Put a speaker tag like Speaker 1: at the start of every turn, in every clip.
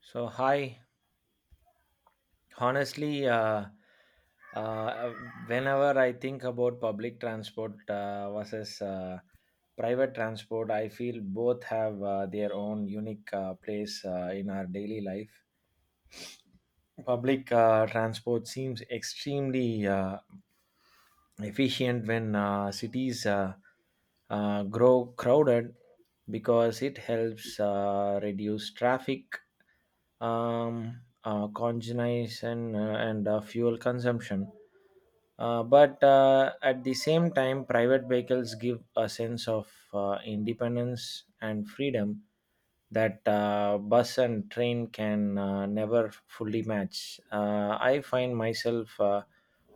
Speaker 1: So, hi. Honestly, uh, whenever I think about public transport versus private transport, I feel both have their own unique place in our daily life. Public transport seems extremely efficient when cities grow crowded because it helps reduce traffic congestion and fuel consumption. But at the same time, private vehicles give a sense of independence and freedom that bus and train can never fully match. I find myself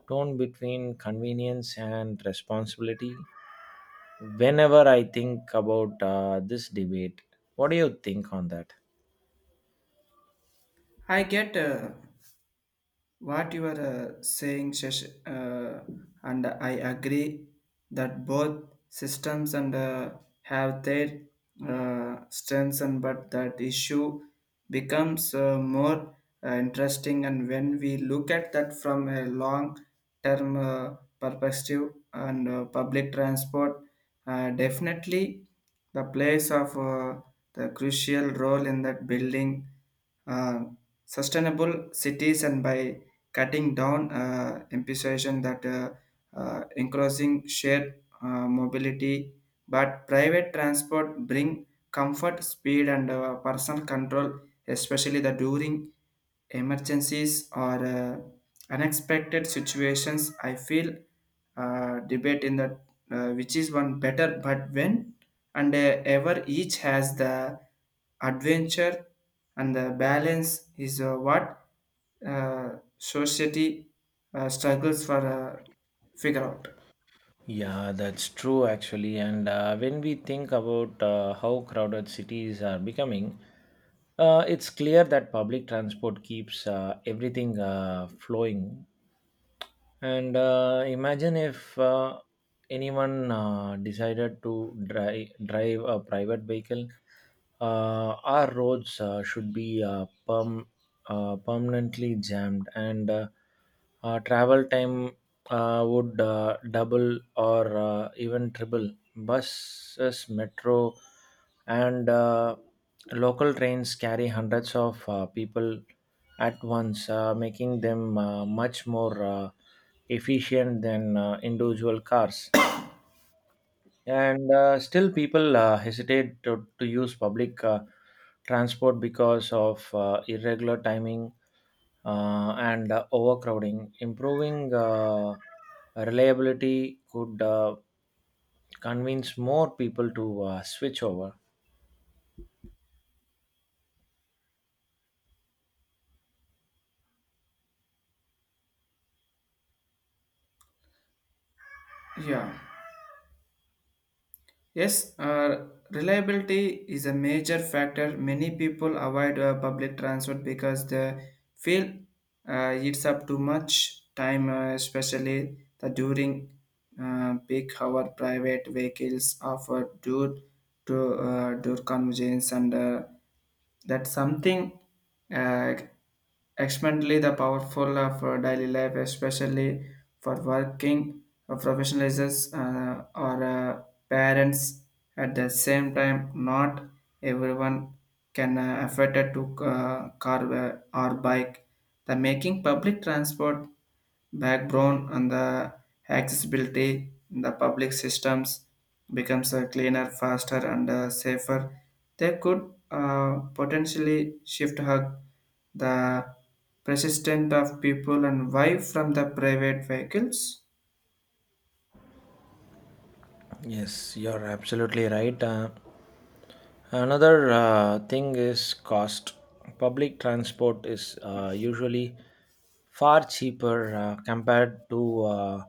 Speaker 1: torn between convenience and responsibility whenever I think about this debate. What do you think on that?
Speaker 2: I get what you are saying, Shash, and I agree that both systems and have their strengths, and but that issue becomes more, interesting. And when we look at that from a long-term perspective, and public transport definitely the place of the crucial role in that building. uh, Sustainable cities and by cutting down imposition that encouraging shared mobility, but private transport bring comfort speed and personal control, especially the during emergencies or unexpected situations. I feel debate in that, which is one better, but when and ever each has the adventure and the balance is what society struggles for figure out.
Speaker 1: Yeah, that's true actually. And when we think about how crowded cities are becoming, it's clear that public transport keeps everything flowing. And imagine if anyone decided to drive a private vehicle. Our roads should be permanently jammed, and travel time would double or even triple buses, metro, and local trains carry hundreds of people at once, making them much more efficient than individual cars, and still people hesitate to use public transport because of irregular timing and overcrowding. Improving reliability could convince more people to switch over.
Speaker 2: Yeah. Yes, reliability is a major factor. Many people avoid public transport because they feel it's up too much time, especially the during peak hour. Private vehicles offer due to due convenience, and that something, uh, extremely the powerful of our daily life, especially for working professionals or parents. At the same time, not everyone can afford to car or bike. The making public transport background and the accessibility in the public systems becomes a cleaner, faster, and safer. They could potentially shift her the persistent of people and why from the private vehicles.
Speaker 1: Yes, you're absolutely right. Another thing is cost. Public transport is usually far cheaper compared to uh,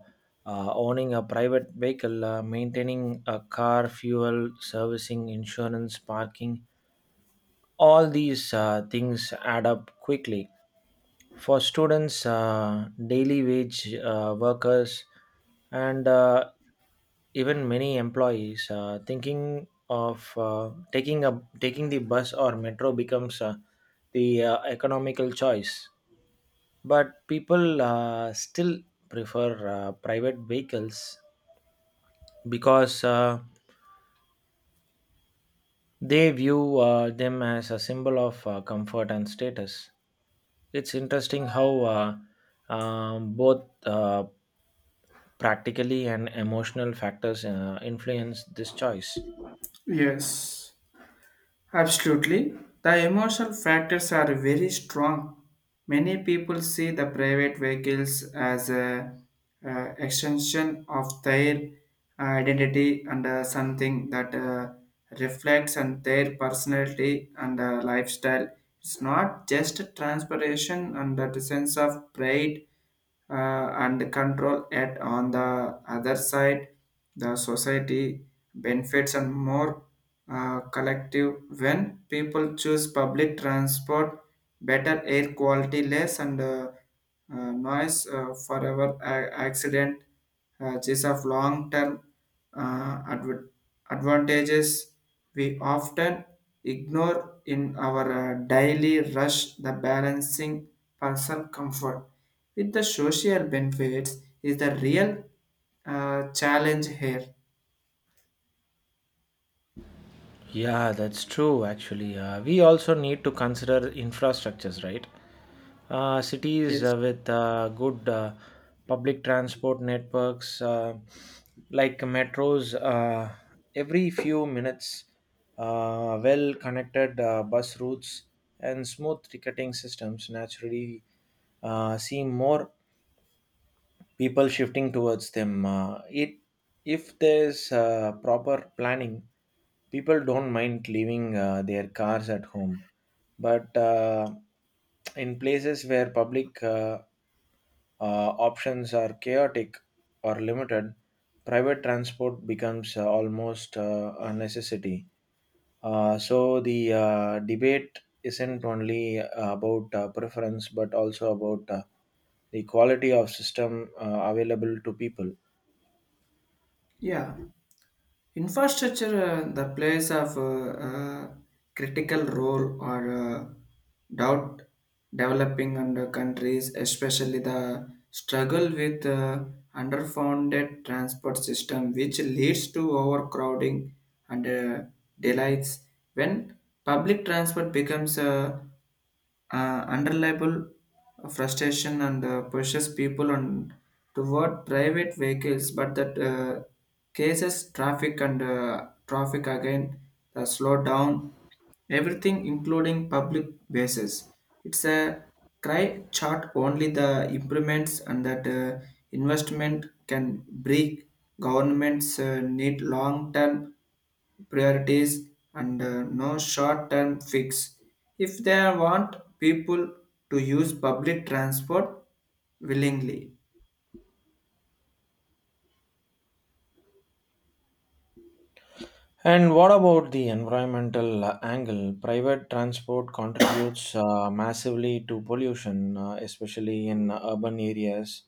Speaker 1: uh, owning a private vehicle, maintaining a car, fuel, servicing, insurance, parking. All these things add up quickly for students, daily wage workers, and even many employees. Thinking of taking the bus or metro becomes the economical choice, but people still prefer private vehicles because they view them as a symbol of comfort and status. It's interesting how both practically and emotional factors influence this choice.
Speaker 2: Yes. Absolutely. The emotional factors are very strong. Many people see the private vehicles as a, extension of their identity and something that reflects on their personality and lifestyle. It's not just transportation and that sense of pride and control it on the other side the society benefits and more collective when people choose public transport, better air quality less and noise forever accident is of long term uh, adv- advantages we often ignore in our daily rush the balancing personal comfort with the social benefits is the real challenge here.
Speaker 1: Yeah, that's true actually. We also need to consider infrastructures, right? Cities
Speaker 2: Yes.
Speaker 1: with good public transport networks like metros every few minutes, well connected bus routes, and smooth ticketing systems naturally seem more people shifting towards them. It if there's proper planning, people don't mind leaving their cars at home, but in places where public options are chaotic or limited, private transport becomes almost a necessity. So the debate isn't only about preference, but also about the quality of system available to people.
Speaker 2: Yeah. Infrastructure the plays of critical role or doubt developing under countries, especially the struggle with underfunded transport system, which leads to overcrowding and delays when public transport becomes unreliable frustration and pushes people on toward private vehicles, but that cases traffic and traffic again slow down everything including public bases. It's a cry chart only the improvements and that investment can break. Governments need long term priorities and no short term fix. If they want people to use public transport willingly,
Speaker 1: And what about the environmental angle? Private transport contributes massively to pollution, especially in urban areas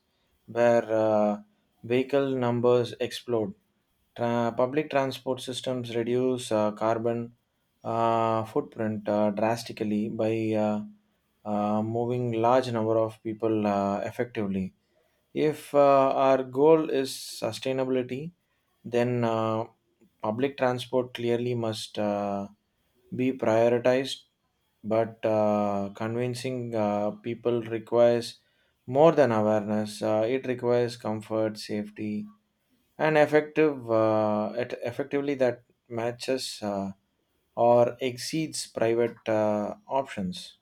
Speaker 1: where vehicle numbers explode. Public transport systems reduce carbon footprint drastically by moving large number of people effectively. If our goal is sustainability, then public transport clearly must be prioritized, but convincing people requires more than awareness. It requires comfort, safety, and effectively that matches or exceeds private options.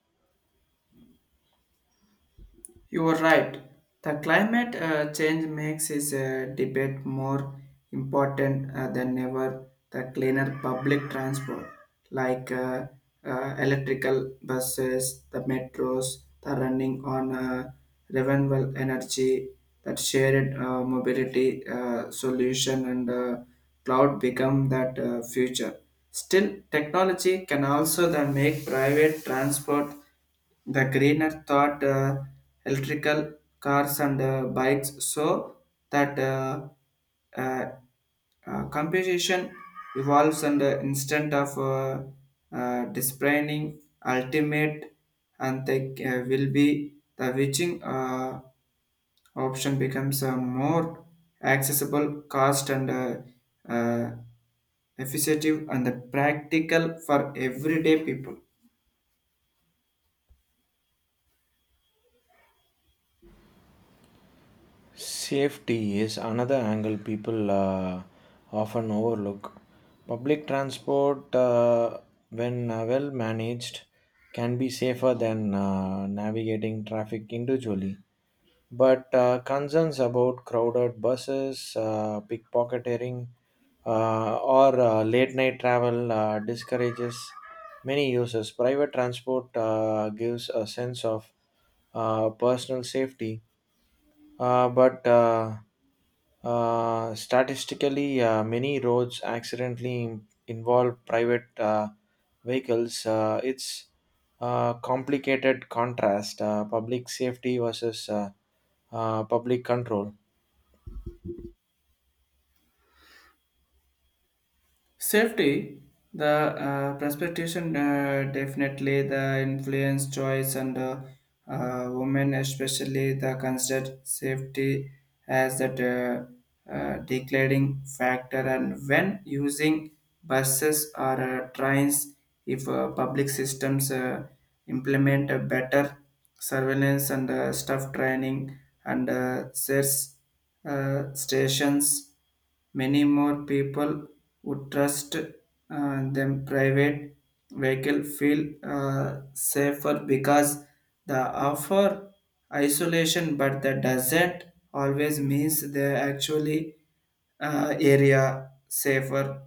Speaker 2: you are right. The climate change makes this debate more important than ever. The cleaner public transport, like electrical buses, the metros, the running on renewable energy, that shared mobility solution, and cloud become that future. Still, technology can also then make private transport the Greener thought, electrical cars and bikes so that uh, computation evolves and instant of displaying ultimate and they will be the witching option becomes a more accessible cost and uh, effective and practical for everyday people.
Speaker 1: Safety is another angle people often overlook. Public transport, when well managed, can be safer than navigating traffic individually. But concerns about crowded buses, pickpocketing, or late night travel discourages many users. Private transport gives a sense of personal safety, but statistically, many roads accidentally involve private vehicles. It's complicated contrast, public safety versus public control.
Speaker 2: Safety, the precipitation definitely the influence choice and women especially the considered safety as that declaring factor and when using buses or trains, if public systems implement a better surveillance and staff training and search stations. Many more people would trust them. Private vehicle feel safer because the offer isolation, but that doesn't always means they actually area safer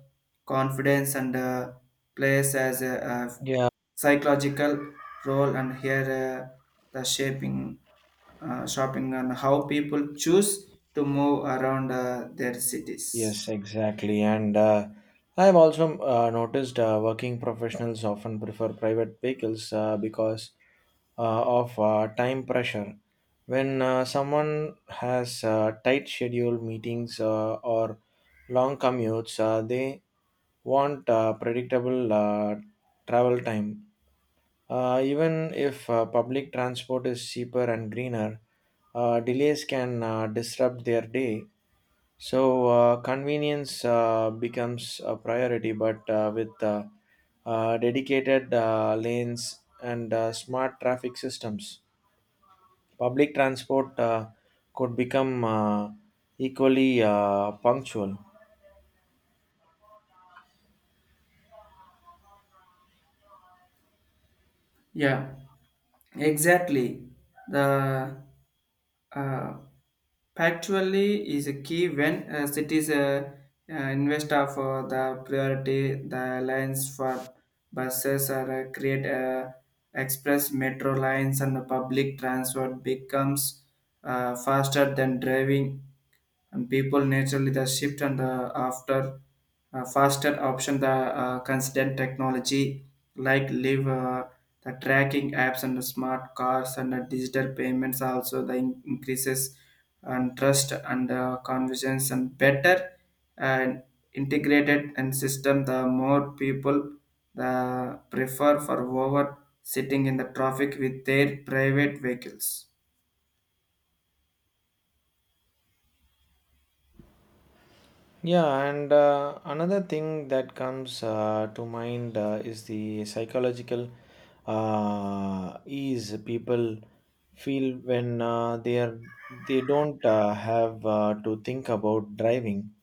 Speaker 2: confidence and place as a
Speaker 1: Yeah,
Speaker 2: psychological role and here the shaping shopping and how people choose to move around their cities.
Speaker 1: yes, exactly. And I've also noticed working professionals often prefer private vehicles because of time pressure. When someone has tight schedule meetings or long commutes, they want predictable travel time. Even if public transport is cheaper and greener, delays can disrupt their day, so convenience becomes a priority, but with dedicated lanes and smart traffic systems, public transport could become equally punctual.
Speaker 2: Yeah, exactly, the uh, factually is a key when cities uh, invest of the priority the lines for buses or create express metro lines and the public transport becomes faster than driving and people naturally the shift and after faster option, the constant technology like live the tracking apps and the smart cars and the digital payments also the increases and trust and convenience and better and integrated and system, the more people the prefer for over sitting in the traffic with their private vehicles.
Speaker 1: Yeah, and another thing that comes to mind is the psychological ease people feel when they don't have to think about driving.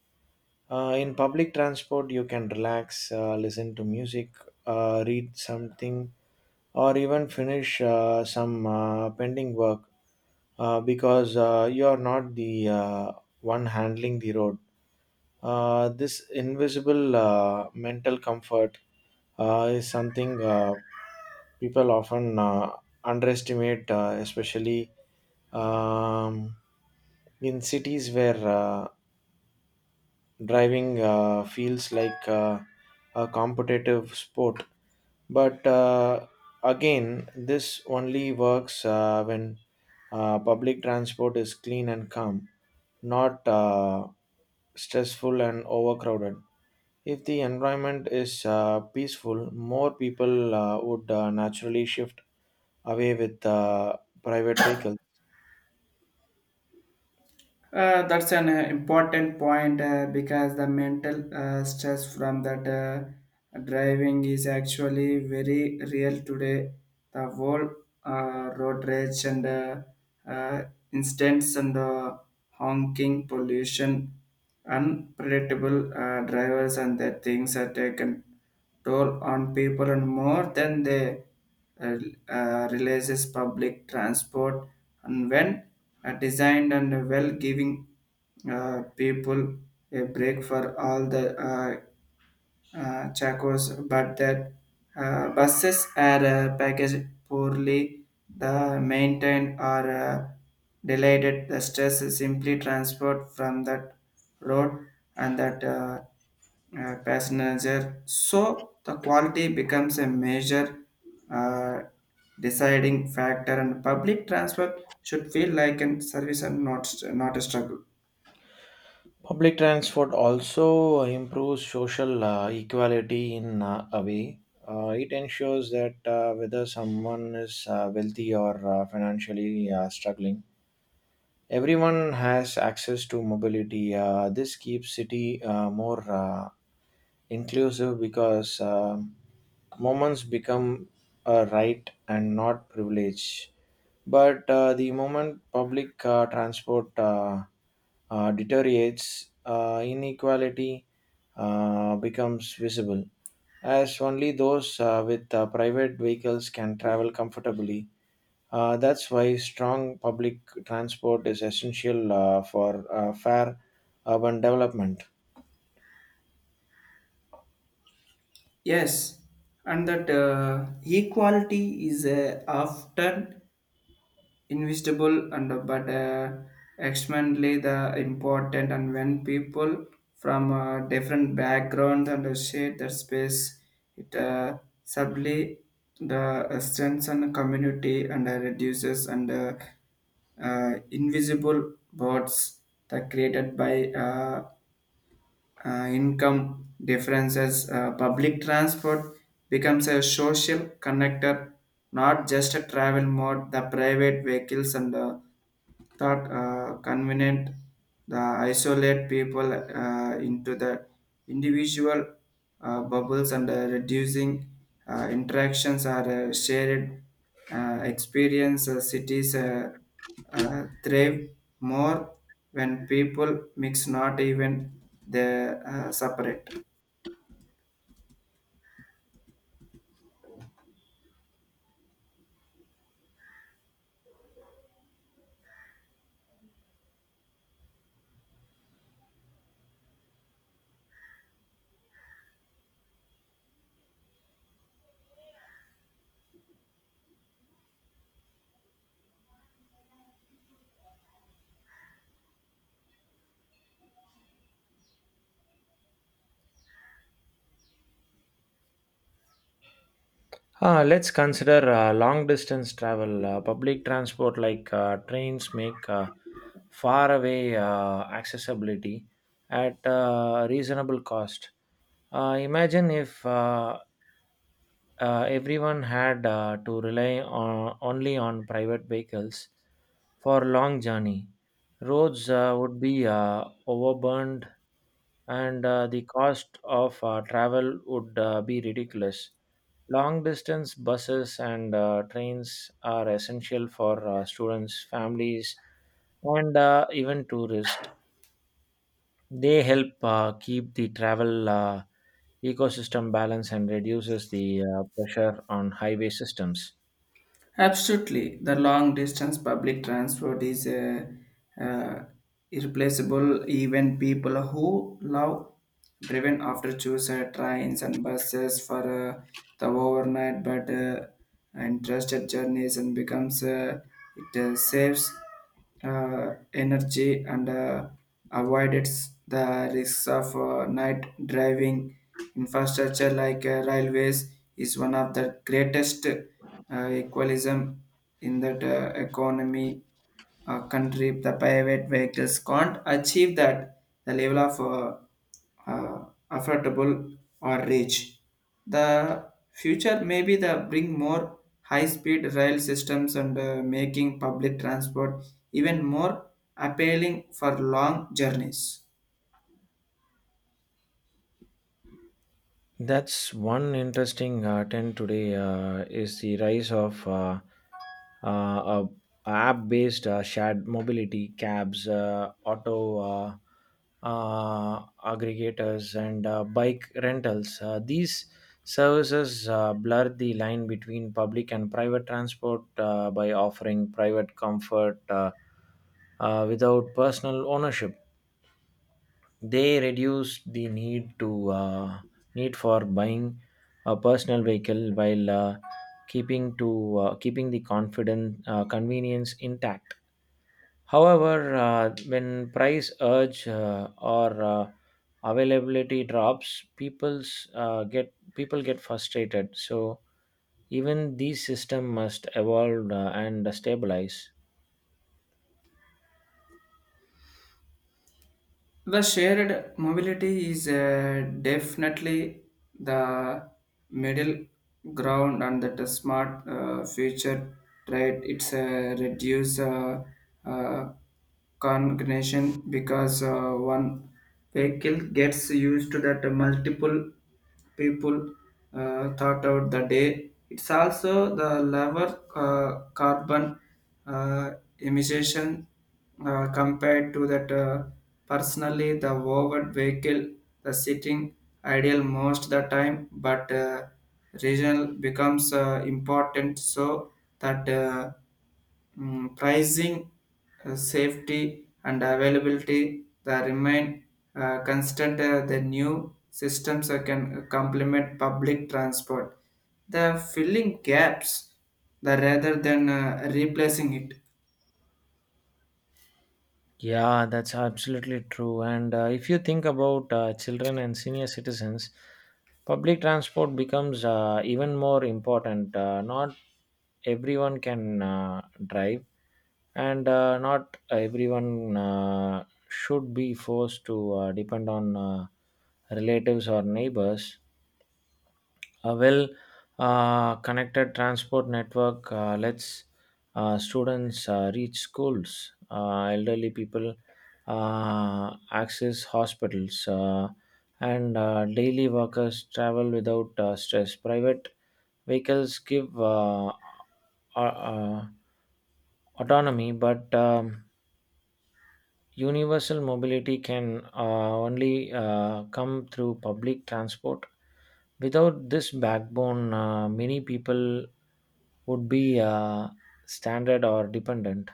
Speaker 1: In public transport, you can relax, listen to music, read something, or even finish some pending work because you are not the one handling the road. This invisible mental comfort is something people often underestimate, especially um, in cities where driving feels like a competitive sport. But again, this only works when public transport is clean and calm, not stressful and overcrowded. If the environment is peaceful, more people would naturally shift away with private vehicles.
Speaker 2: That's an important point because the mental stress from that driving is actually very real today. The whole road rage and uh, instance and honking pollution, unpredictable drivers and their things are taken toll on people and more than they uh, realizes public transport and when designed and well giving people a break for all the Chacos, but that buses are packaged poorly, the maintained or delayed. The stress is simply transport from that road and that passenger. So the quality becomes a major uh, deciding factor, and public transport should feel like a service and not a struggle.
Speaker 1: Public transport also improves social equality in a way. It ensures that whether someone is wealthy or financially struggling, everyone has access to mobility. This keeps city more inclusive, because moments become a right and not privilege. But the moment public transport deteriorates, inequality becomes visible, as only those with private vehicles can travel comfortably. That's why strong public transport is essential for fair urban development.
Speaker 2: Yes, and that equality is often invisible and but extremely the important. And when people from different backgrounds and share that space, it subtly the strengthens community and reduces and invisible bots that created by income differences. Public transport becomes a social connector, not just a travel mode. The private vehicles and the thought convenient, the isolate people into the individual bubbles and reducing interactions are shared experience. Cities thrive more when people mix, not even they separate.
Speaker 1: Let's consider long distance travel. Public transport like trains make far away accessibility at reasonable cost. Imagine if everyone had to rely on, only on private vehicles for long journey. Roads would be overburned, and the cost of travel would be ridiculous. Long distance buses and trains are essential for students, families, and even tourists. They help keep the travel ecosystem balanced and reduces the pressure on highway systems.
Speaker 2: Absolutely, the long distance public transport is uh, irreplaceable. Even people who love driven after choose trains and buses for the overnight, but and trusted journeys and becomes it saves energy and avoids the risks of night driving. Infrastructure like railways is one of the greatest equalism in that economy country. The private vehicles can't achieve that the level of affordable or reach the future. Maybe the bring more high speed rail systems and making public transport even more appealing for long journeys.
Speaker 1: That's one interesting trend today is the rise of uh, app-based shared mobility cabs, auto aggregators, and bike rentals. These services blur the line between public and private transport by offering private comfort without personal ownership. They reduced the need for buying a personal vehicle, while keeping the confident convenience intact. However, when price urge or availability drops, people get frustrated, so even these system must evolve and stabilize.
Speaker 2: The shared mobility is definitely the middle ground and that the smart future trade. It's a reduce uh, congregation because one vehicle gets used to that multiple people thought out the day. It's also the lower carbon uh, imitation compared to that personally the overt vehicle, the sitting ideal most the time, but regional becomes important. So that pricing safety and availability that remain constant. The new systems can complement public transport the filling gaps, the rather than replacing it.
Speaker 1: Yeah, that's absolutely true. And if you think about children and senior citizens, public transport becomes even more important. Not everyone can drive, and not everyone should be forced to depend on relatives or neighbors. A well connected transport network lets students reach schools, elderly people access hospitals, and daily workers travel without stress. Private vehicles give uh, uh, autonomy, but universal mobility can only come through public transport. Without this backbone, many people would be standard or dependent.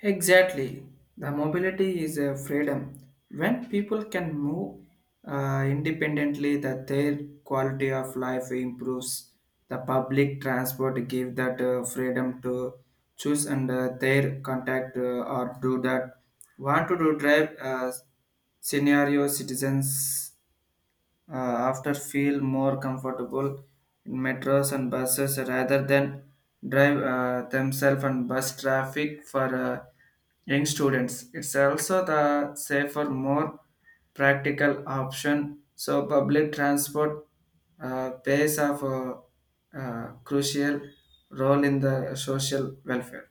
Speaker 2: Exactly. The mobility is a freedom. When people can move independently, that their quality of life improves. The public transport give that freedom to choose and their contact or do that. Want to do drive scenario citizens uh, after feel more comfortable in metros and buses rather than drive themselves and bus traffic for young students. It's also the safer, more practical option. So public transport plays of a, crucial role in the social welfare.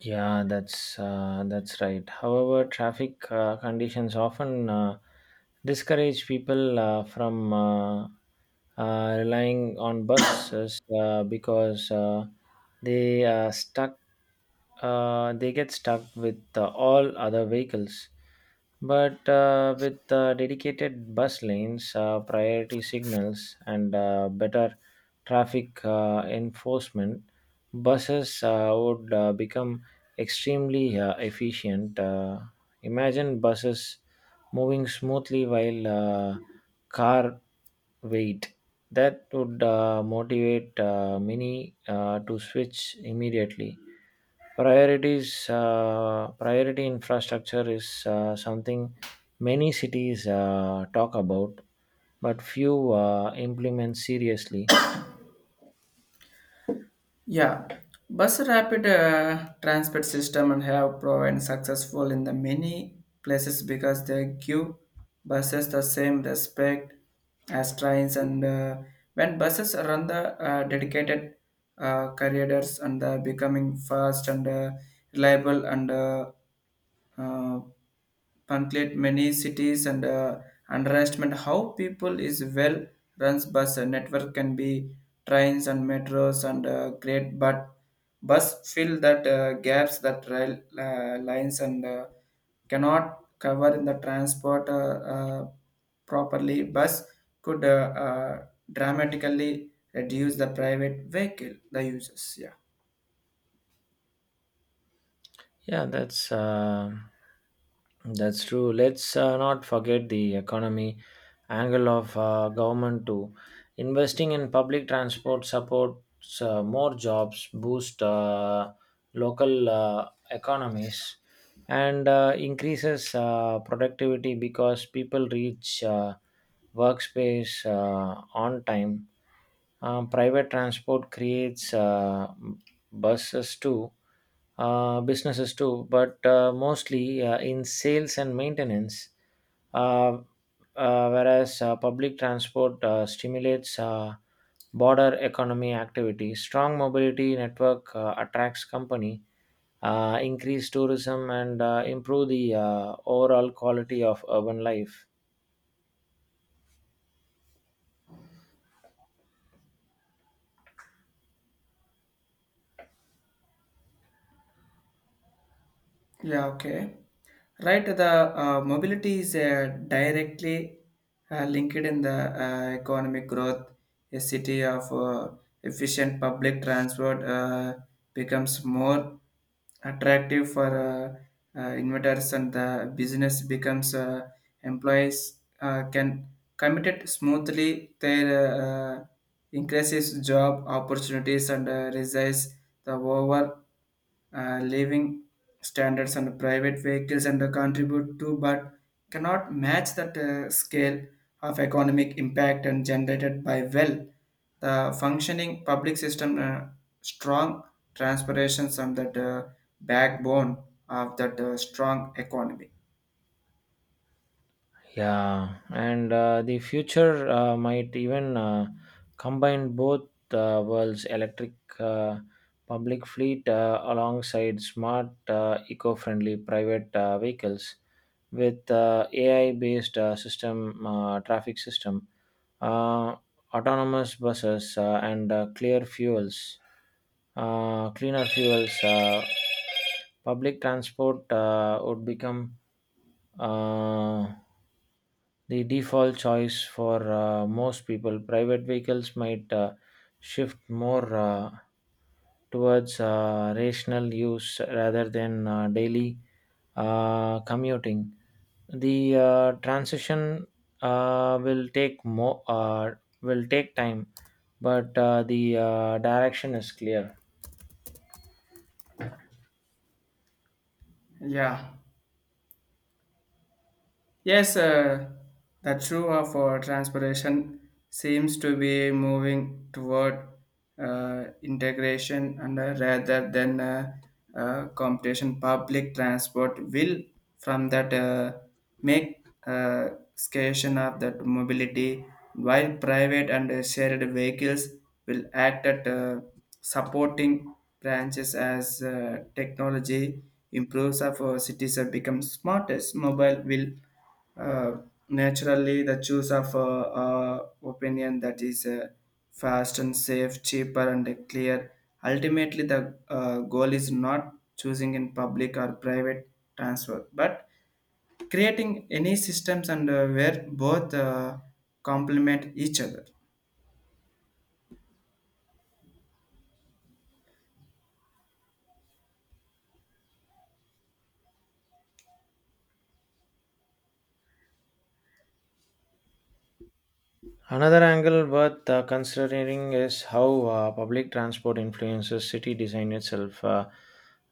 Speaker 1: Yeah, that's right. However, traffic conditions often discourage people from relying on buses because they stuck. They get stuck with all other vehicles. But with dedicated bus lanes, priority signals, and better traffic enforcement, buses would become extremely efficient. Imagine buses moving smoothly while car wait. That would motivate many to switch immediately. Priority infrastructure is something many cities talk about, but few implement seriously.
Speaker 2: Yeah, bus rapid transport system and have proven successful in the many places because they give buses the same respect as trains and when buses run the dedicated corridors and becoming fast and reliable and uh, conclude many cities and underestimate how people is well runs bus a network can be trains and metros and great, but bus fill that gaps that rail lines and cannot cover in the transport uh, properly. Bus could uh, dramatically reduce the private vehicle, the users. Yeah.
Speaker 1: Yeah, that's true. Let's not forget the economy angle of government too. Investing in public transport supports more jobs, boost local economies, and increases productivity because people reach workspace on time. Private transport creates buses too, businesses too, but mostly in sales and maintenance. Uh, whereas public transport stimulates border economy activity. Strong mobility network attracts company, increase tourism, and improve the overall quality of urban life.
Speaker 2: Yeah, okay. Right, the mobility is directly linked in the economic growth. A city of efficient public transport becomes more attractive for investors and the business becomes employees can commit it smoothly their increases job opportunities and raises the overall living standards, and private vehicles and contribute to, but cannot match that scale of economic impact and generated by well the functioning public system. Strong transpirations on that backbone of that strong economy.
Speaker 1: Yeah, and the future might even combine both worlds: electric uh, public fleet alongside smart, eco friendly private vehicles with AI based system, traffic system, uh, autonomous buses, and cleaner fuels. Public transport would become Uh, the default choice for most people. Private vehicles might shift more towards rational use rather than daily commuting. The transition uh, will take more uh, will take time, but the direction is clear.
Speaker 2: Yeah. Yes, the true of transportation seems to be moving toward integration and rather than competition. Public transport will, from that, make scarcion of that mobility, while private and shared vehicles will act at supporting branches as technology improves. Of our cities have become smartest, mobile will uh, naturally, the choice of opinion that is fast and safe, cheaper and clear. Ultimately, the goal is not choosing in public or private transfer, but creating any systems and where both complement each other.
Speaker 1: Another angle worth considering is how public transport influences city design itself.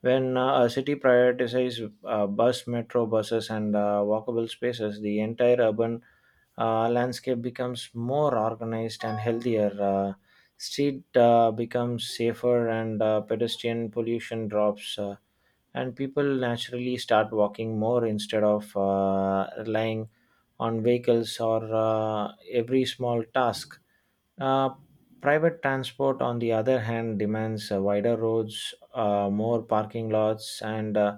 Speaker 1: When a city prioritizes bus, metro buses, and walkable spaces, the entire urban landscape becomes more organized and healthier. Street becomes safer, and pedestrian pollution drops, and people naturally start walking more instead of relying on vehicles or every small task. Uh, private transport, on the other hand, demands wider roads, more parking lots, and uh,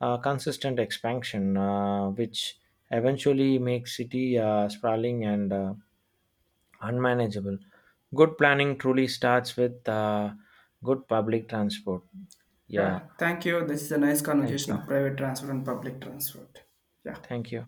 Speaker 1: uh, consistent expansion, which eventually makes city sprawling and unmanageable. Good planning truly starts with good public transport. Yeah,
Speaker 2: Yeah, thank you. This is a nice
Speaker 1: thank
Speaker 2: conversation
Speaker 1: you.
Speaker 2: of private transfer and public transport. Yeah.
Speaker 1: Thank you.